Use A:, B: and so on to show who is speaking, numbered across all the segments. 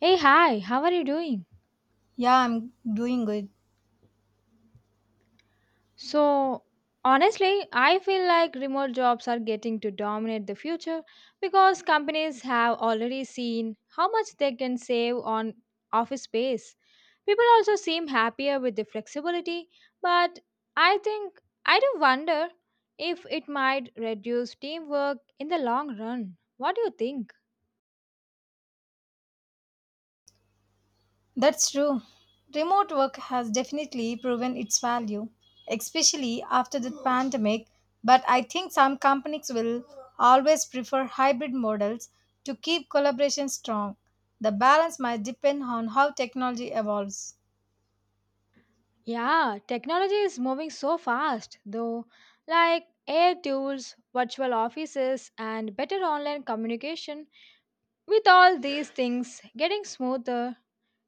A: Hey, hi, how are you doing?
B: Yeah, I'm doing good.
A: So, honestly, I feel like remote jobs are getting to dominate the future because companies have already seen how much they can save on office space. People also seem happier with the flexibility, but I think I do wonder if it might reduce teamwork in the long run. What do you think?
B: That's true. Remote work has definitely proven its value, especially after the pandemic. But I think some companies will always prefer hybrid models to keep collaboration strong. The balance might depend on how technology evolves.
A: Yeah, technology is moving so fast, though, like AI tools, virtual offices, and better online communication. With all these things getting smoother,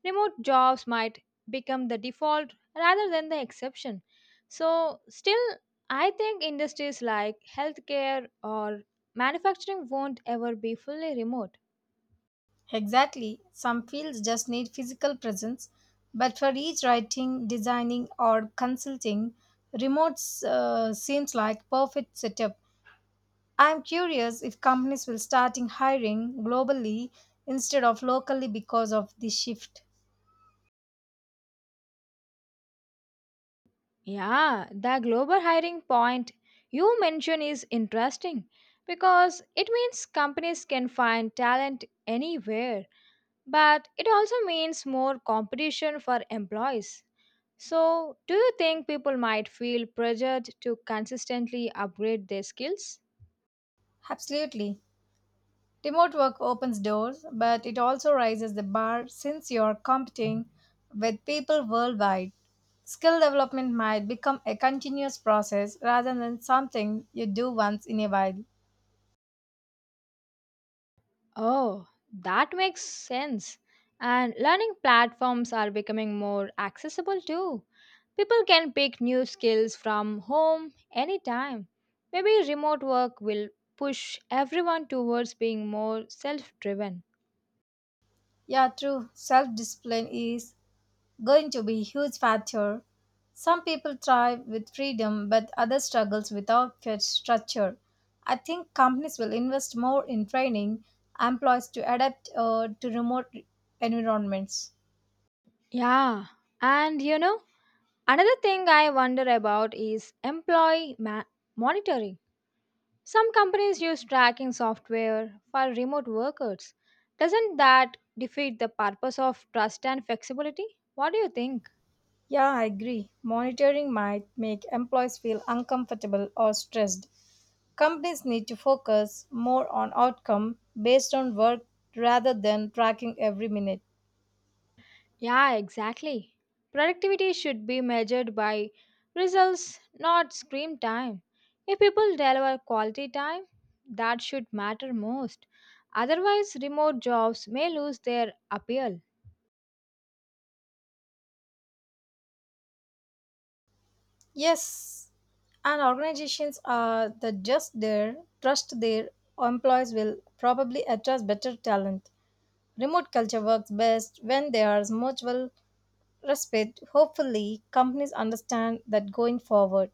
A: remote jobs might become the default rather than the exception. So, still, I think industries like healthcare or manufacturing won't ever be fully remote.
B: Exactly. Some fields just need physical presence, but for each writing, designing, or consulting, remote seems like perfect setup. I'm curious if companies will starting hiring globally instead of locally because of this shift.
A: Yeah, the global hiring point you mentioned is interesting because it means companies can find talent anywhere, but it also means more competition for employees. So, do you think people might feel pressured to consistently upgrade their skills?
B: Absolutely. Remote work opens doors, but it also raises the bar since you're competing with people worldwide. Skill development might become a continuous process rather than something you do once in a while.
A: Oh, that makes sense. And learning platforms are becoming more accessible too. People can pick new skills from home anytime. Maybe remote work will push everyone towards being more self driven.
B: Yeah, true. Self discipline is going to be a huge factor. Some people thrive with freedom, but others struggles without fair structure. I think companies will invest more in training employees to adapt to remote environments.
A: Yeah, and you know, another thing I wonder about is monitoring. Some companies use tracking software for remote workers. Doesn't that defeat the purpose of trust and flexibility? What do you think?
B: Yeah, I agree. Monitoring might make employees feel uncomfortable or stressed. Companies need to focus more on outcome based on work rather than tracking every minute.
A: Yeah, exactly. Productivity should be measured by results, not screen time. If people deliver quality time, that should matter most. Otherwise, remote jobs may lose their appeal.
B: Yes, and organizations are the just there trust their employees will probably attract better talent. Remote culture works best when there is mutual respect. Hopefully, companies understand that going forward.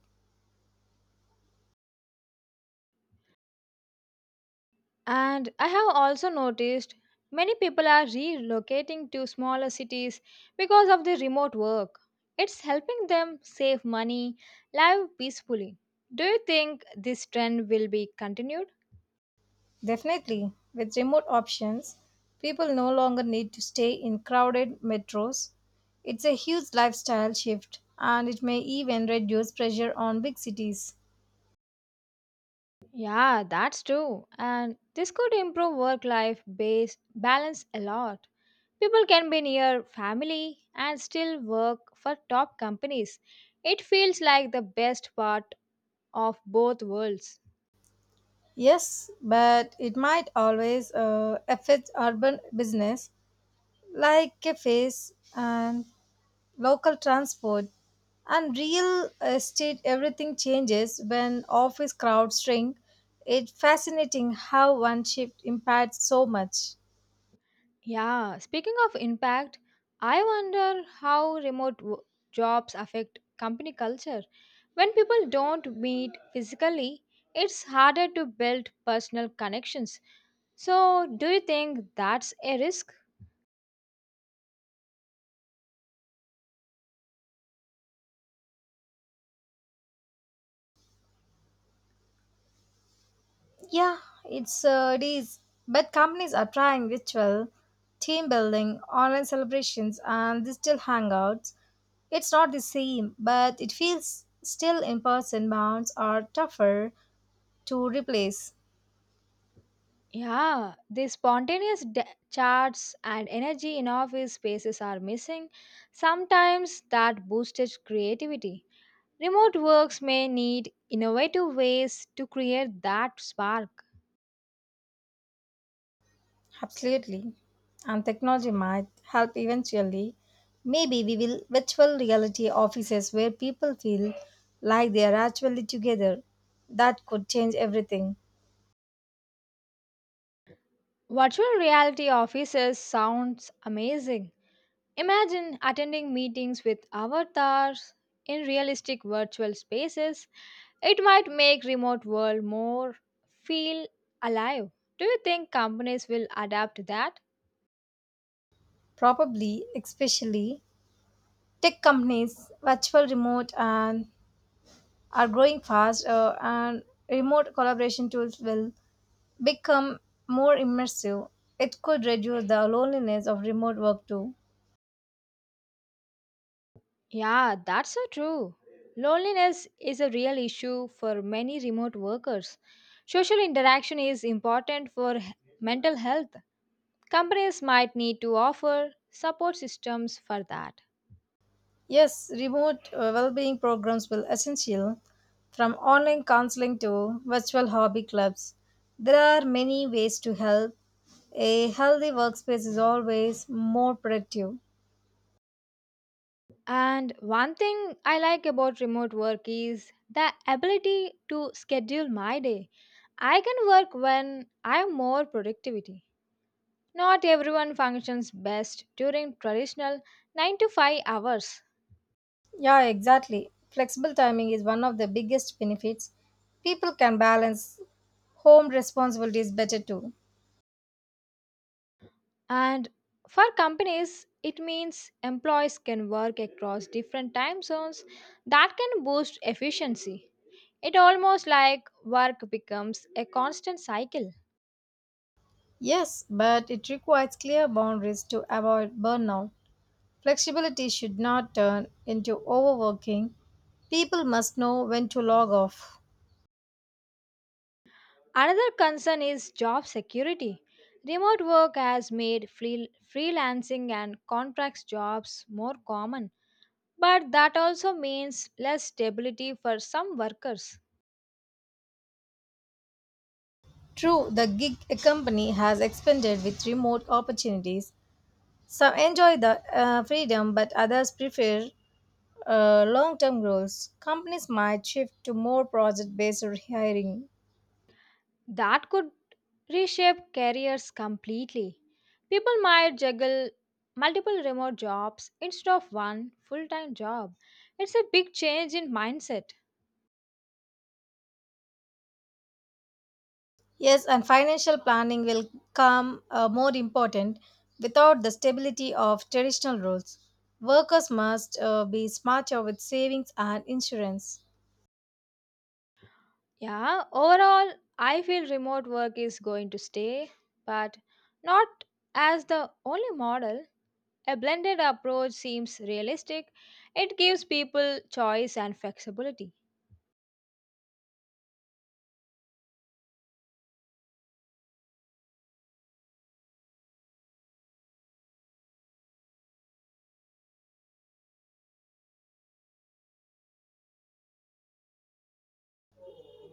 A: And I have also noticed many people are relocating to smaller cities because of the remote work. It's helping them save money, live peacefully. Do you think this trend will be continued?
B: Definitely, with remote options, people no longer need to stay in crowded metros. It's a huge lifestyle shift, and it may even reduce pressure on big cities.
A: Yeah, that's true. And this could improve work life base balance a lot. People can be near family and still work for top companies. It feels like the best part of both worlds.
B: Yes, but it might always affect urban business like cafes and local transport and real estate. Everything changes when office crowds shrink. It's fascinating how one shift impacts so much.
A: Yeah, speaking of impact, I wonder how jobs affect company culture. When people don't meet physically, it's harder to build personal connections. So, do you think that's a risk?
B: Yeah, it is. But companies are trying ritual, team building, online celebrations, and digital hangouts. It's not the same, but it feels still in person bonds are tougher to replace.
A: Yeah, the chats and energy in office spaces are missing. Sometimes that boosted creativity. Remote works may need innovative ways to create that spark.
B: Absolutely. And technology might help eventually. Maybe we will virtual reality offices where people feel like they are actually together. That could change everything.
A: Virtual reality offices sounds amazing. Imagine attending meetings with avatars in realistic virtual spaces. It might make remote world more feel alive. Do you think companies will adapt to that?
B: Probably, especially Tech companies, virtual remote, and are growing fast, and remote collaboration tools will become more immersive. It could reduce the loneliness of remote work too.
A: Yeah, that's so true. Loneliness is a real issue for many remote workers. Social interaction is important for mental health. Companies might need to offer support systems for that.
B: Yes, remote well-being programs will essential, from online counseling to virtual hobby clubs. There are many ways to help. A healthy workspace is always more productive.
A: And one thing I like about remote work is the ability to schedule my day. I can work when I am more productivity. Not everyone functions best during traditional 9 to 5 hours.
B: Yeah, exactly. Flexible timing is one of the biggest benefits. People can balance home responsibilities better too.
A: And for companies, it means employees can work across different time zones that can boost efficiency. It almost like work becomes a constant cycle.
B: Yes, but it requires clear boundaries to avoid burnout. Flexibility should not turn into overworking. People must know when to log off.
A: Another concern is job security. Remote work has made freelancing and contract jobs more common, but that also means less stability for some workers.
B: True, the gig economy has expanded with remote opportunities. Some enjoy the freedom, but others prefer long term goals. Companies might shift to more project based hiring.
A: That could reshape careers completely. People might juggle multiple remote jobs instead of one full time job. It's a big change in mindset.
B: Yes, and financial planning will come more important without the stability of traditional roles. Workers must be smarter with savings and insurance.
A: Yeah, overall, I feel remote work is going to stay, but not as the only model. A blended approach seems realistic. It gives people choice and flexibility.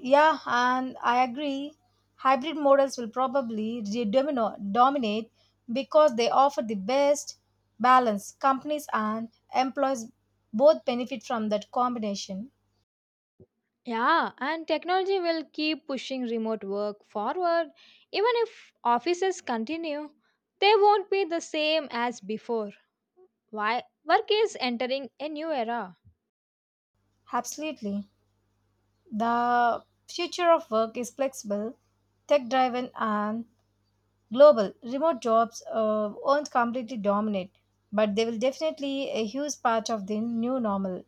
B: Yeah, and I agree. Hybrid models will probably dominate because they offer the best balance. Companies and employees both benefit from that combination.
A: Yeah, and technology will keep pushing remote work forward. Even if offices continue, they won't be the same as before. Why? Work is entering a new era.
B: Absolutely. The future of work is flexible, tech driven, and global. Remote jobs won't completely dominate, but they will definitely a huge part of the new normal.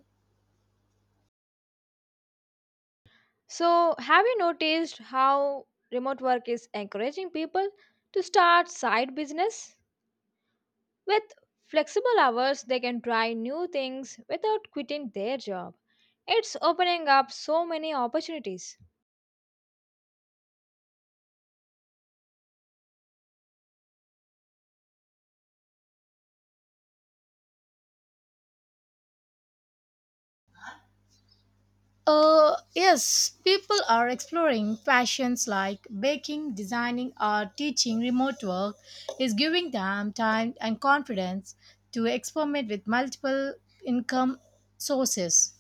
A: So, have you noticed how remote work is encouraging people to start side business? With flexible hours, they can try new things without quitting their job. It's opening up so many opportunities.
B: Yes, people are exploring passions like baking, designing, or teaching. Remote work is giving them time and confidence to experiment with multiple income sources.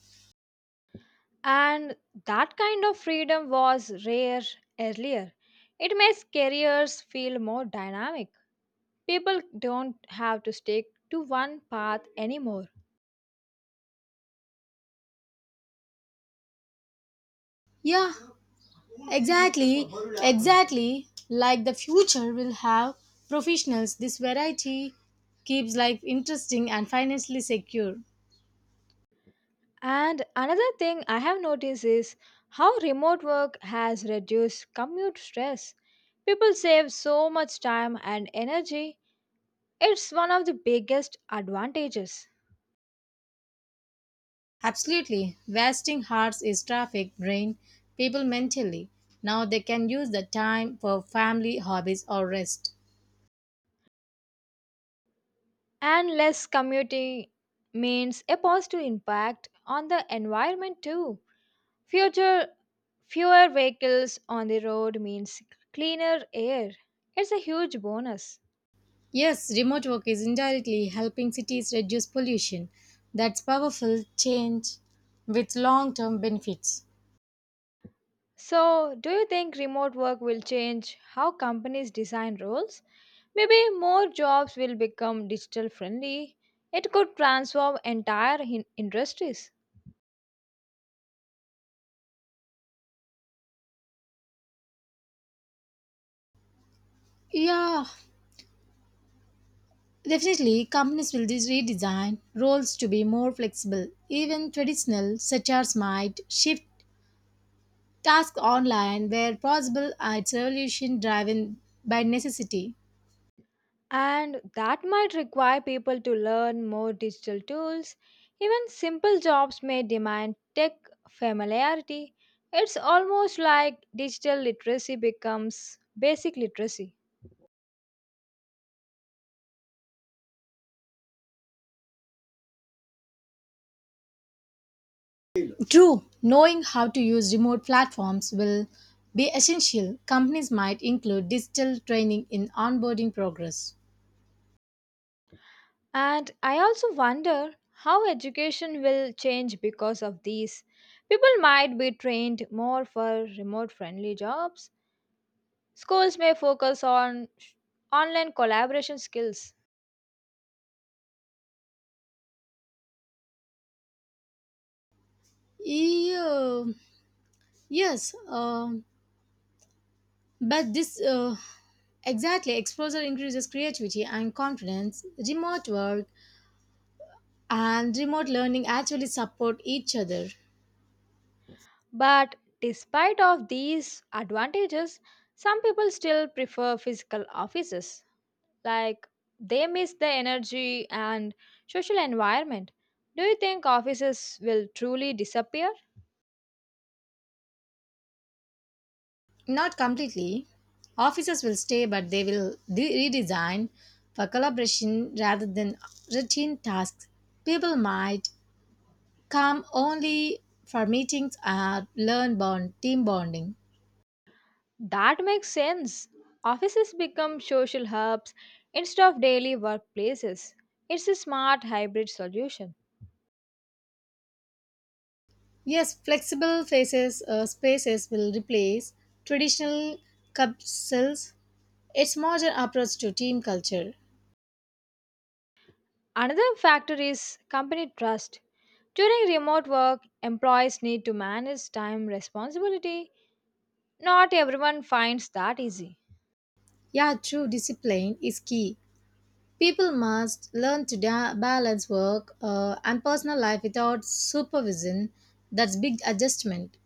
A: And that kind of freedom was rare earlier. It makes careers feel more dynamic. People don't have to stick to one path anymore.
B: Yeah, Exactly, exactly. Like the future will have professionals, this variety keeps life interesting and financially secure.
A: And another thing I have noticed is how remote work has reduced commute stress. People save so much time and energy. It's one of the biggest advantages.
B: Absolutely. Wasting hearts is traffic, drain people mentally. Now they can use the time for family, hobbies, or rest.
A: And less commuting means a positive impact on the environment too. Future fewer vehicles on the road means cleaner air. It's a huge bonus.
B: Yes, remote work is indirectly helping cities reduce pollution. That's powerful change with long term benefits.
A: So, do you think remote work will change how companies design roles? Maybe more jobs will become digital friendly. It could transform entire industries.
B: Yeah, definitely, companies will redesign roles to be more flexible. Even traditional sectors might shift tasks online where possible. It's evolution driven by necessity.
A: And that might require people to learn more digital tools. Even simple jobs may demand tech familiarity. It's almost like digital literacy becomes basic literacy.
B: True, knowing how to use remote platforms will be essential. Companies might include digital training in onboarding progress.
A: And I also wonder how education will change because of these. People might be trained more for remote friendly jobs. Schools may focus on online collaboration skills.
B: Yeah, yes, but this exactly exposure increases creativity and confidence. Remote work and remote learning actually support each other.
A: But despite of these advantages, some people still prefer physical offices. Like they miss the energy and social environment. Do you think offices will truly disappear?
B: Not completely. Offices will stay, but they will redesign for collaboration rather than routine tasks. People might come only for meetings and learn bond team bonding.
A: That makes sense. Offices become social hubs instead of daily workplaces. It's a smart hybrid solution.
B: Yes, flexible faces spaces will replace traditional capsules. It's modern approach to team culture.
A: Another factor is company trust. During remote work, employees need to manage time responsibility. Not everyone finds that easy.
B: Yeah, true, discipline is key. People must learn to balance work and personal life without supervision. That's big adjustment.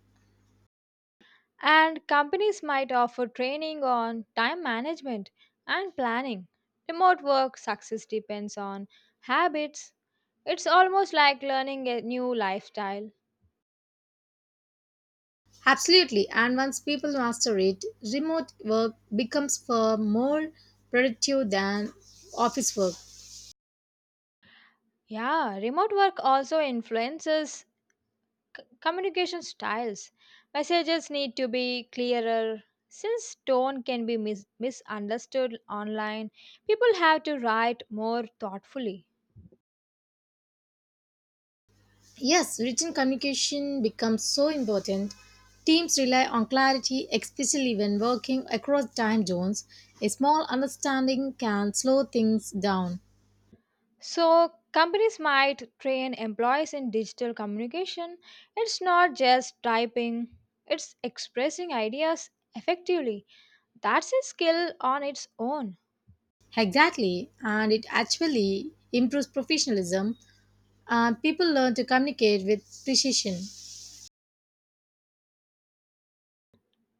A: And companies might offer training on time management and planning. Remote work success depends on habits. It's almost like learning a new lifestyle.
B: Absolutely. And once people master it, remote work becomes far more productive than office work.
A: Yeah, remote work also influences communication styles. Messages need to be clearer. Since tone can be misunderstood online, people have to write more thoughtfully.
B: Yes, written communication becomes so important. Teams rely on clarity, especially when working across time zones. A small understanding can slow things down.
A: So, companies might train employees in digital communication. It's not just typing, it's expressing ideas effectively. That's a skill on its own.
B: Exactly, and it actually improves professionalism. People learn to communicate with precision.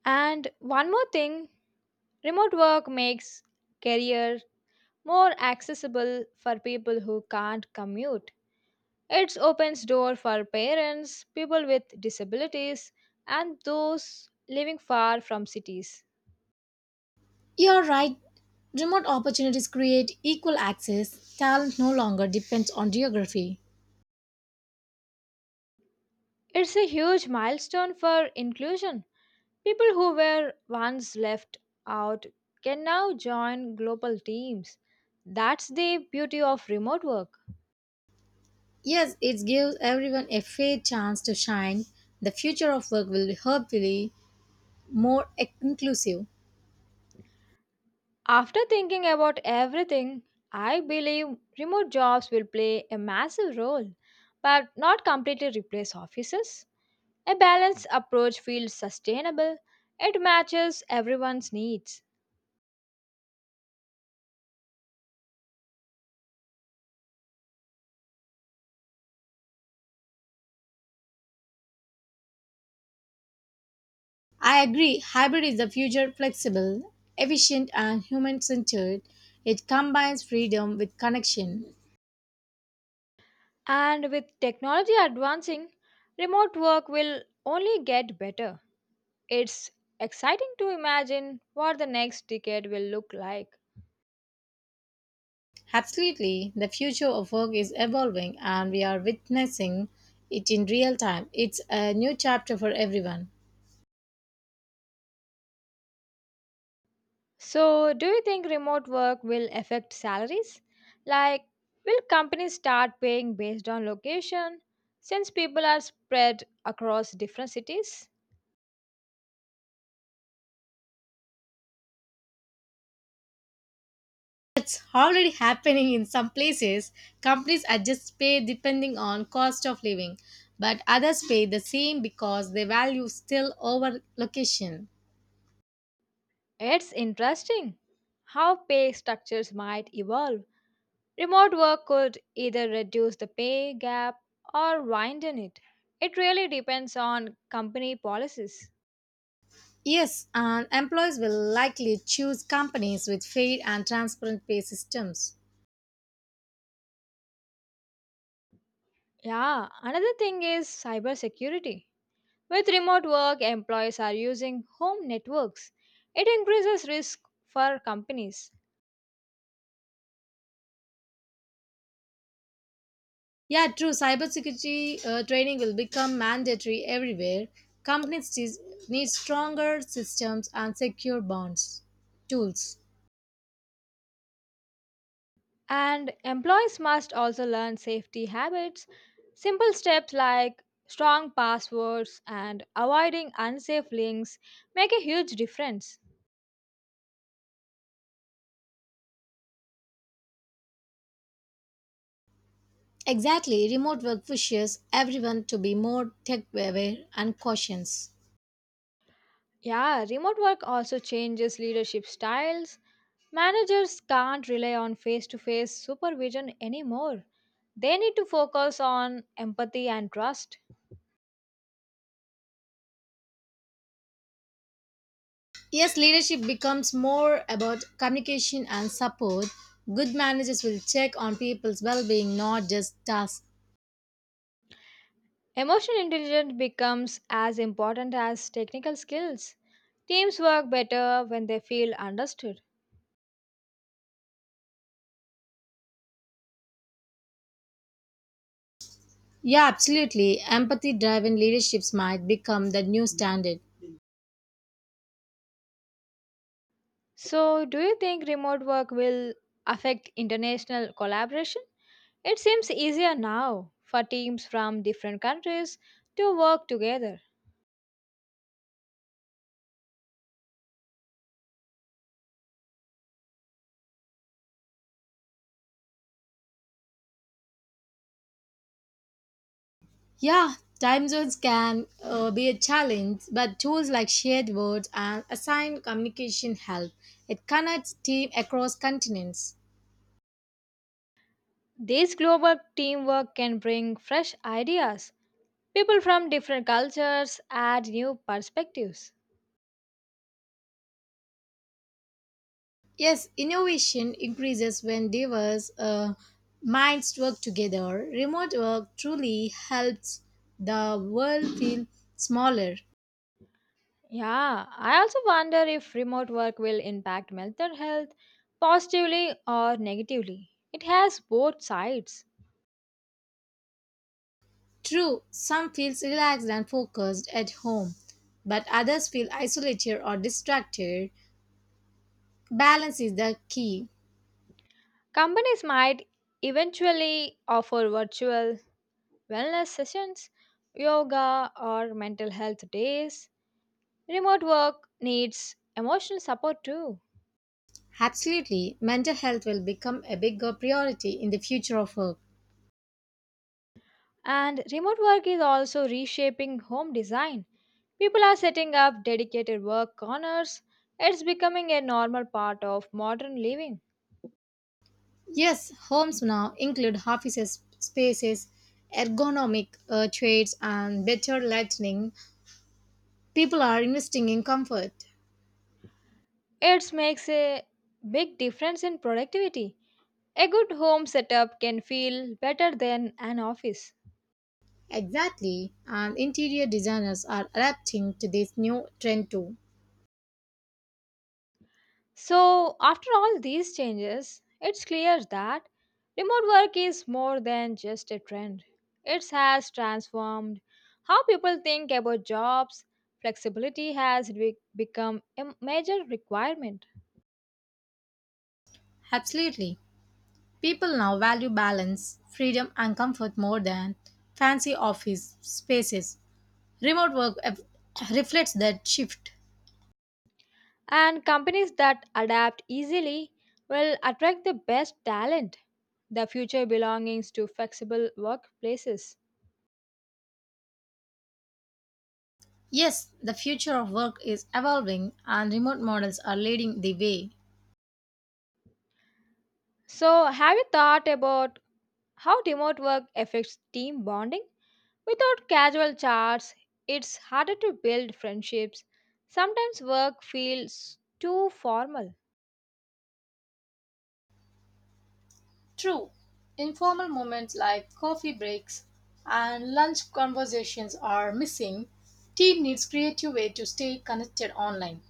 A: And one more thing remote work makes career more accessible for people who can't commute. It opens door for parents, people with disabilities, and those living far from cities.
B: You're right, remote opportunities create equal access. Talent no longer depends on geography.
A: It's a huge milestone for inclusion. People who were once left out can now join global teams. That's the beauty of remote work.
B: Yes, it gives everyone a fair chance to shine. The future of work will be hopefully more inclusive.
A: After thinking about everything, I believe remote jobs will play a massive role, but not completely replace offices. A balanced approach feels sustainable, it matches everyone's needs.
B: I agree, hybrid is the future flexible, efficient, and human centered. It combines freedom with connection.
A: And with technology advancing, remote work will only get better. It's exciting to imagine what the next decade will look like.
B: Absolutely, the future of work is evolving and we are witnessing it in real time. It's a new chapter for everyone.
A: So, do you think remote work will affect salaries? Like, will companies start paying based on location since people are spread across different cities?
B: It's already happening in some places. Companies adjust pay depending on cost of living, but others pay the same because they value still over location.
A: It's interesting how pay structures might evolve. Remote work could either reduce the pay gap or widen it. It really depends on company policies.
B: Yes, and employees will likely choose companies with fair and transparent pay systems.
A: Yeah, another thing is cybersecurity. With remote work, employees are using home networks. It increases risk for companies.
B: Yeah, true. Cybersecurity training will become mandatory everywhere. Companies need stronger systems and secure bonds tools.
A: And employees must also learn safety habits. Simple steps like strong passwords and avoiding unsafe links make a huge difference.
B: Exactly. Remote work pushes everyone to be more tech aware and cautious.
A: Yeah, remote work also changes leadership styles. Managers can't rely on face to face supervision anymore. They need to focus on empathy and trust.
B: Yes, leadership becomes more about communication and support. Good managers will check on people's well being, not just tasks.
A: Emotional intelligence becomes as important as technical skills. Teams work better when they feel understood.
B: Yeah, absolutely. Empathy driven leaderships might become the new standard.
A: So, do you think remote work will affect international collaboration? It seems easier now for teams from different countries to work together.
B: Yeah, time zones can be a challenge, but tools like shared words and assigned communication help. It connects teams across continents.
A: This global teamwork can bring fresh ideas. People from different cultures add new perspectives.
B: Yes, innovation increases when diverse minds work together. Remote work truly helps the world feel smaller.
A: Yeah, I also wonder if remote work will impact mental health positively or negatively. It has both sides.
B: True, some feels relaxed and focused at home, but others feel isolated or distracted. Balance is the key.
A: Companies might eventually offer virtual wellness sessions, yoga, or mental health days. Remote work needs emotional support too.
B: Absolutely, mental health will become a bigger priority in the future of work.
A: And remote work is also reshaping home design. People are setting up dedicated work corners. It's becoming a normal part of modern living.
B: Yes, homes now include offices, spaces, ergonomic chairs, and better lighting. People are investing in comfort.
A: It makes a big difference in productivity. A good home setup can feel better than an office.
B: Exactly, and interior designers are adapting to this new trend too.
A: So, after all these changes, it's clear that remote work is more than just a trend. It has transformed how people think about jobs. Flexibility has become a major requirement.
B: Absolutely, people now value balance, freedom, and comfort more than fancy office spaces. Remote work reflects that shift.
A: And companies that adapt easily will attract the best talent. The future belongs to flexible workplaces.
B: Yes, the future of work is evolving and remote models are leading the way.
A: So, have you thought about how remote work affects team bonding? Without casual chats, it's harder to build friendships. Sometimes work feels too formal.
B: True, informal moments like coffee breaks and lunch conversations are missing. Team needs creative way to stay connected online.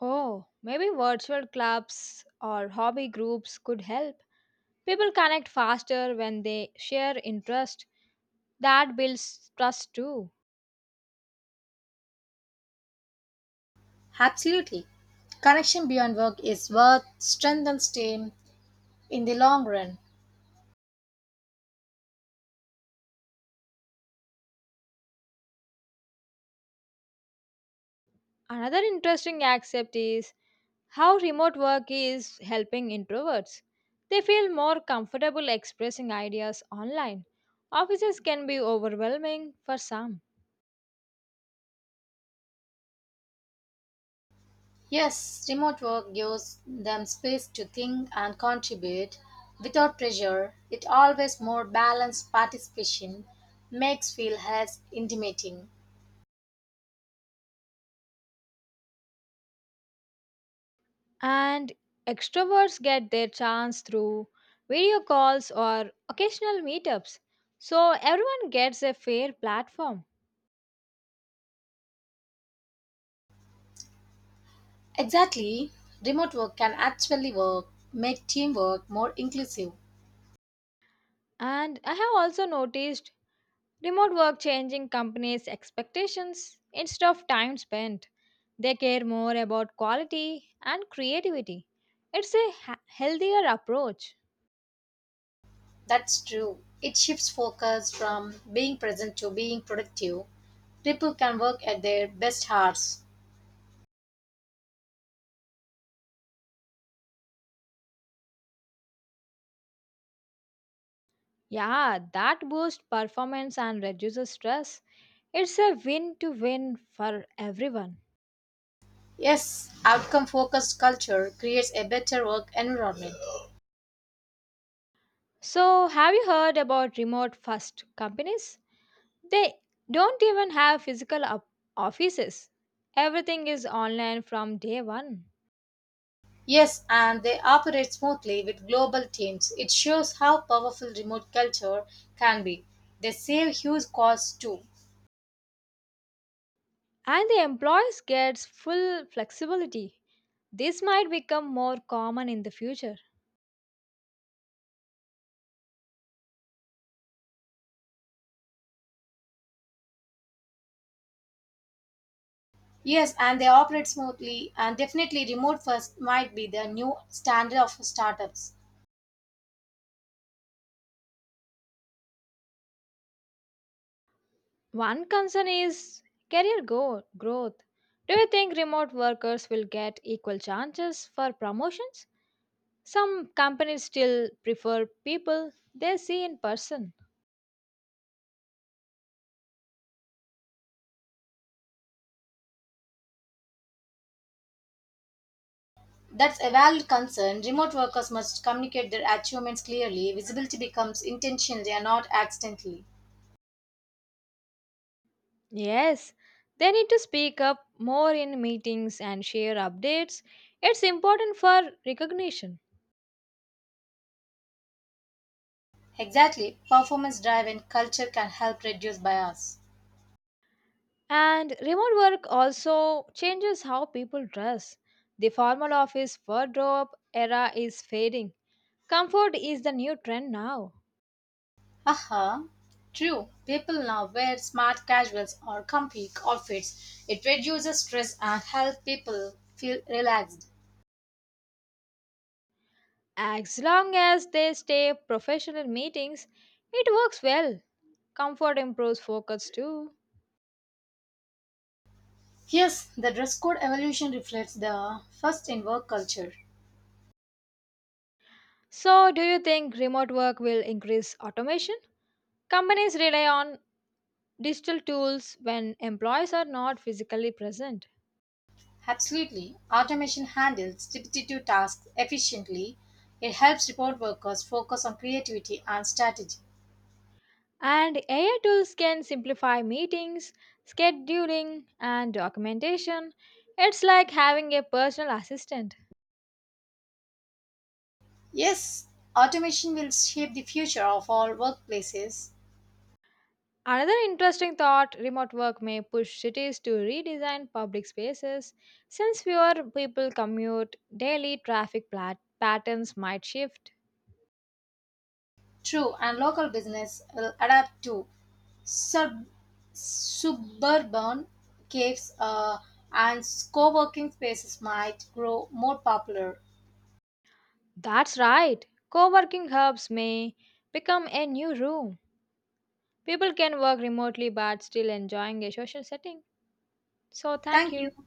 A: Oh, maybe virtual clubs or hobby groups could help. People connect faster when they share interests. That builds trust too.
B: Absolutely. Connection beyond work is what strengthens team in the long run.
A: Another interesting aspect is how remote work is helping introverts. They feel more comfortable expressing ideas online. Offices can be overwhelming for some,
B: Yes, remote work gives them space to think and contribute without pressure. It always more balanced participation makes feel less intimidating.
A: and extroverts get their chance through video calls or occasional meetups. So everyone gets a fair platform.
B: Exactly, remote work make teamwork more inclusive.
A: And I have also noticed remote work changing companies' expectations instead of time spent. They care more about quality and creativity. It's a healthier approach.
B: That's true. It shifts focus from being present to being productive. People can work at their best hours.
A: Yeah, that boosts performance and reduces stress. It's a win to win for everyone.
B: Yes, outcome focused culture creates a better work environment.
A: So, have you heard about remote first companies? They don't even have physical offices, everything is online from day one.
B: Yes, and they operate smoothly with global teams. It shows how powerful remote culture can be. They save huge costs too.
A: And the employees gets full flexibility. This might become more common in the future.
B: Yes, and they operate smoothly, and definitely remote first might be the new standard of startups.
A: One concern is career growth. Do you think remote workers will get equal chances for promotions? Some companies still prefer people they see in person.
B: That's a valid concern. Remote workers must communicate their achievements clearly. Visibility becomes intentionally and not accidentally.
A: Yes, they need to speak up more in meetings and share updates. It's important for recognition.
B: Exactly, performance drive and culture can help reduce bias.
A: And remote work also changes how people dress. The formal office wardrobe era is fading. Comfort is the new trend now.
B: Haha, true. People now wear smart casuals or comfy outfits. It reduces stress and helps people feel relaxed.
A: As long as they stay professional meetings, it works well. Comfort improves focus too.
B: Yes, the dress code evolution reflects the first in work culture.
A: So, do you think remote work will increase automation? Companies rely on digital tools when employees are not physically present.
B: Absolutely. Automation handles repetitive tasks efficiently. It helps report workers focus on creativity and strategy.
A: And AI tools can simplify meetings, scheduling, and documentation. It's like having a personal assistant.
B: Yes, automation will shape the future of all workplaces.
A: Another interesting thought remote work may push cities to redesign public spaces. Since fewer people commute, daily traffic patterns might shift.
B: True, and local business will adapt to Sub- suburban caves and co working spaces might grow more popular.
A: That's right, co working hubs may become a new room. People can work remotely but still enjoying a social setting. So, thank
B: Thank
A: you.
B: you.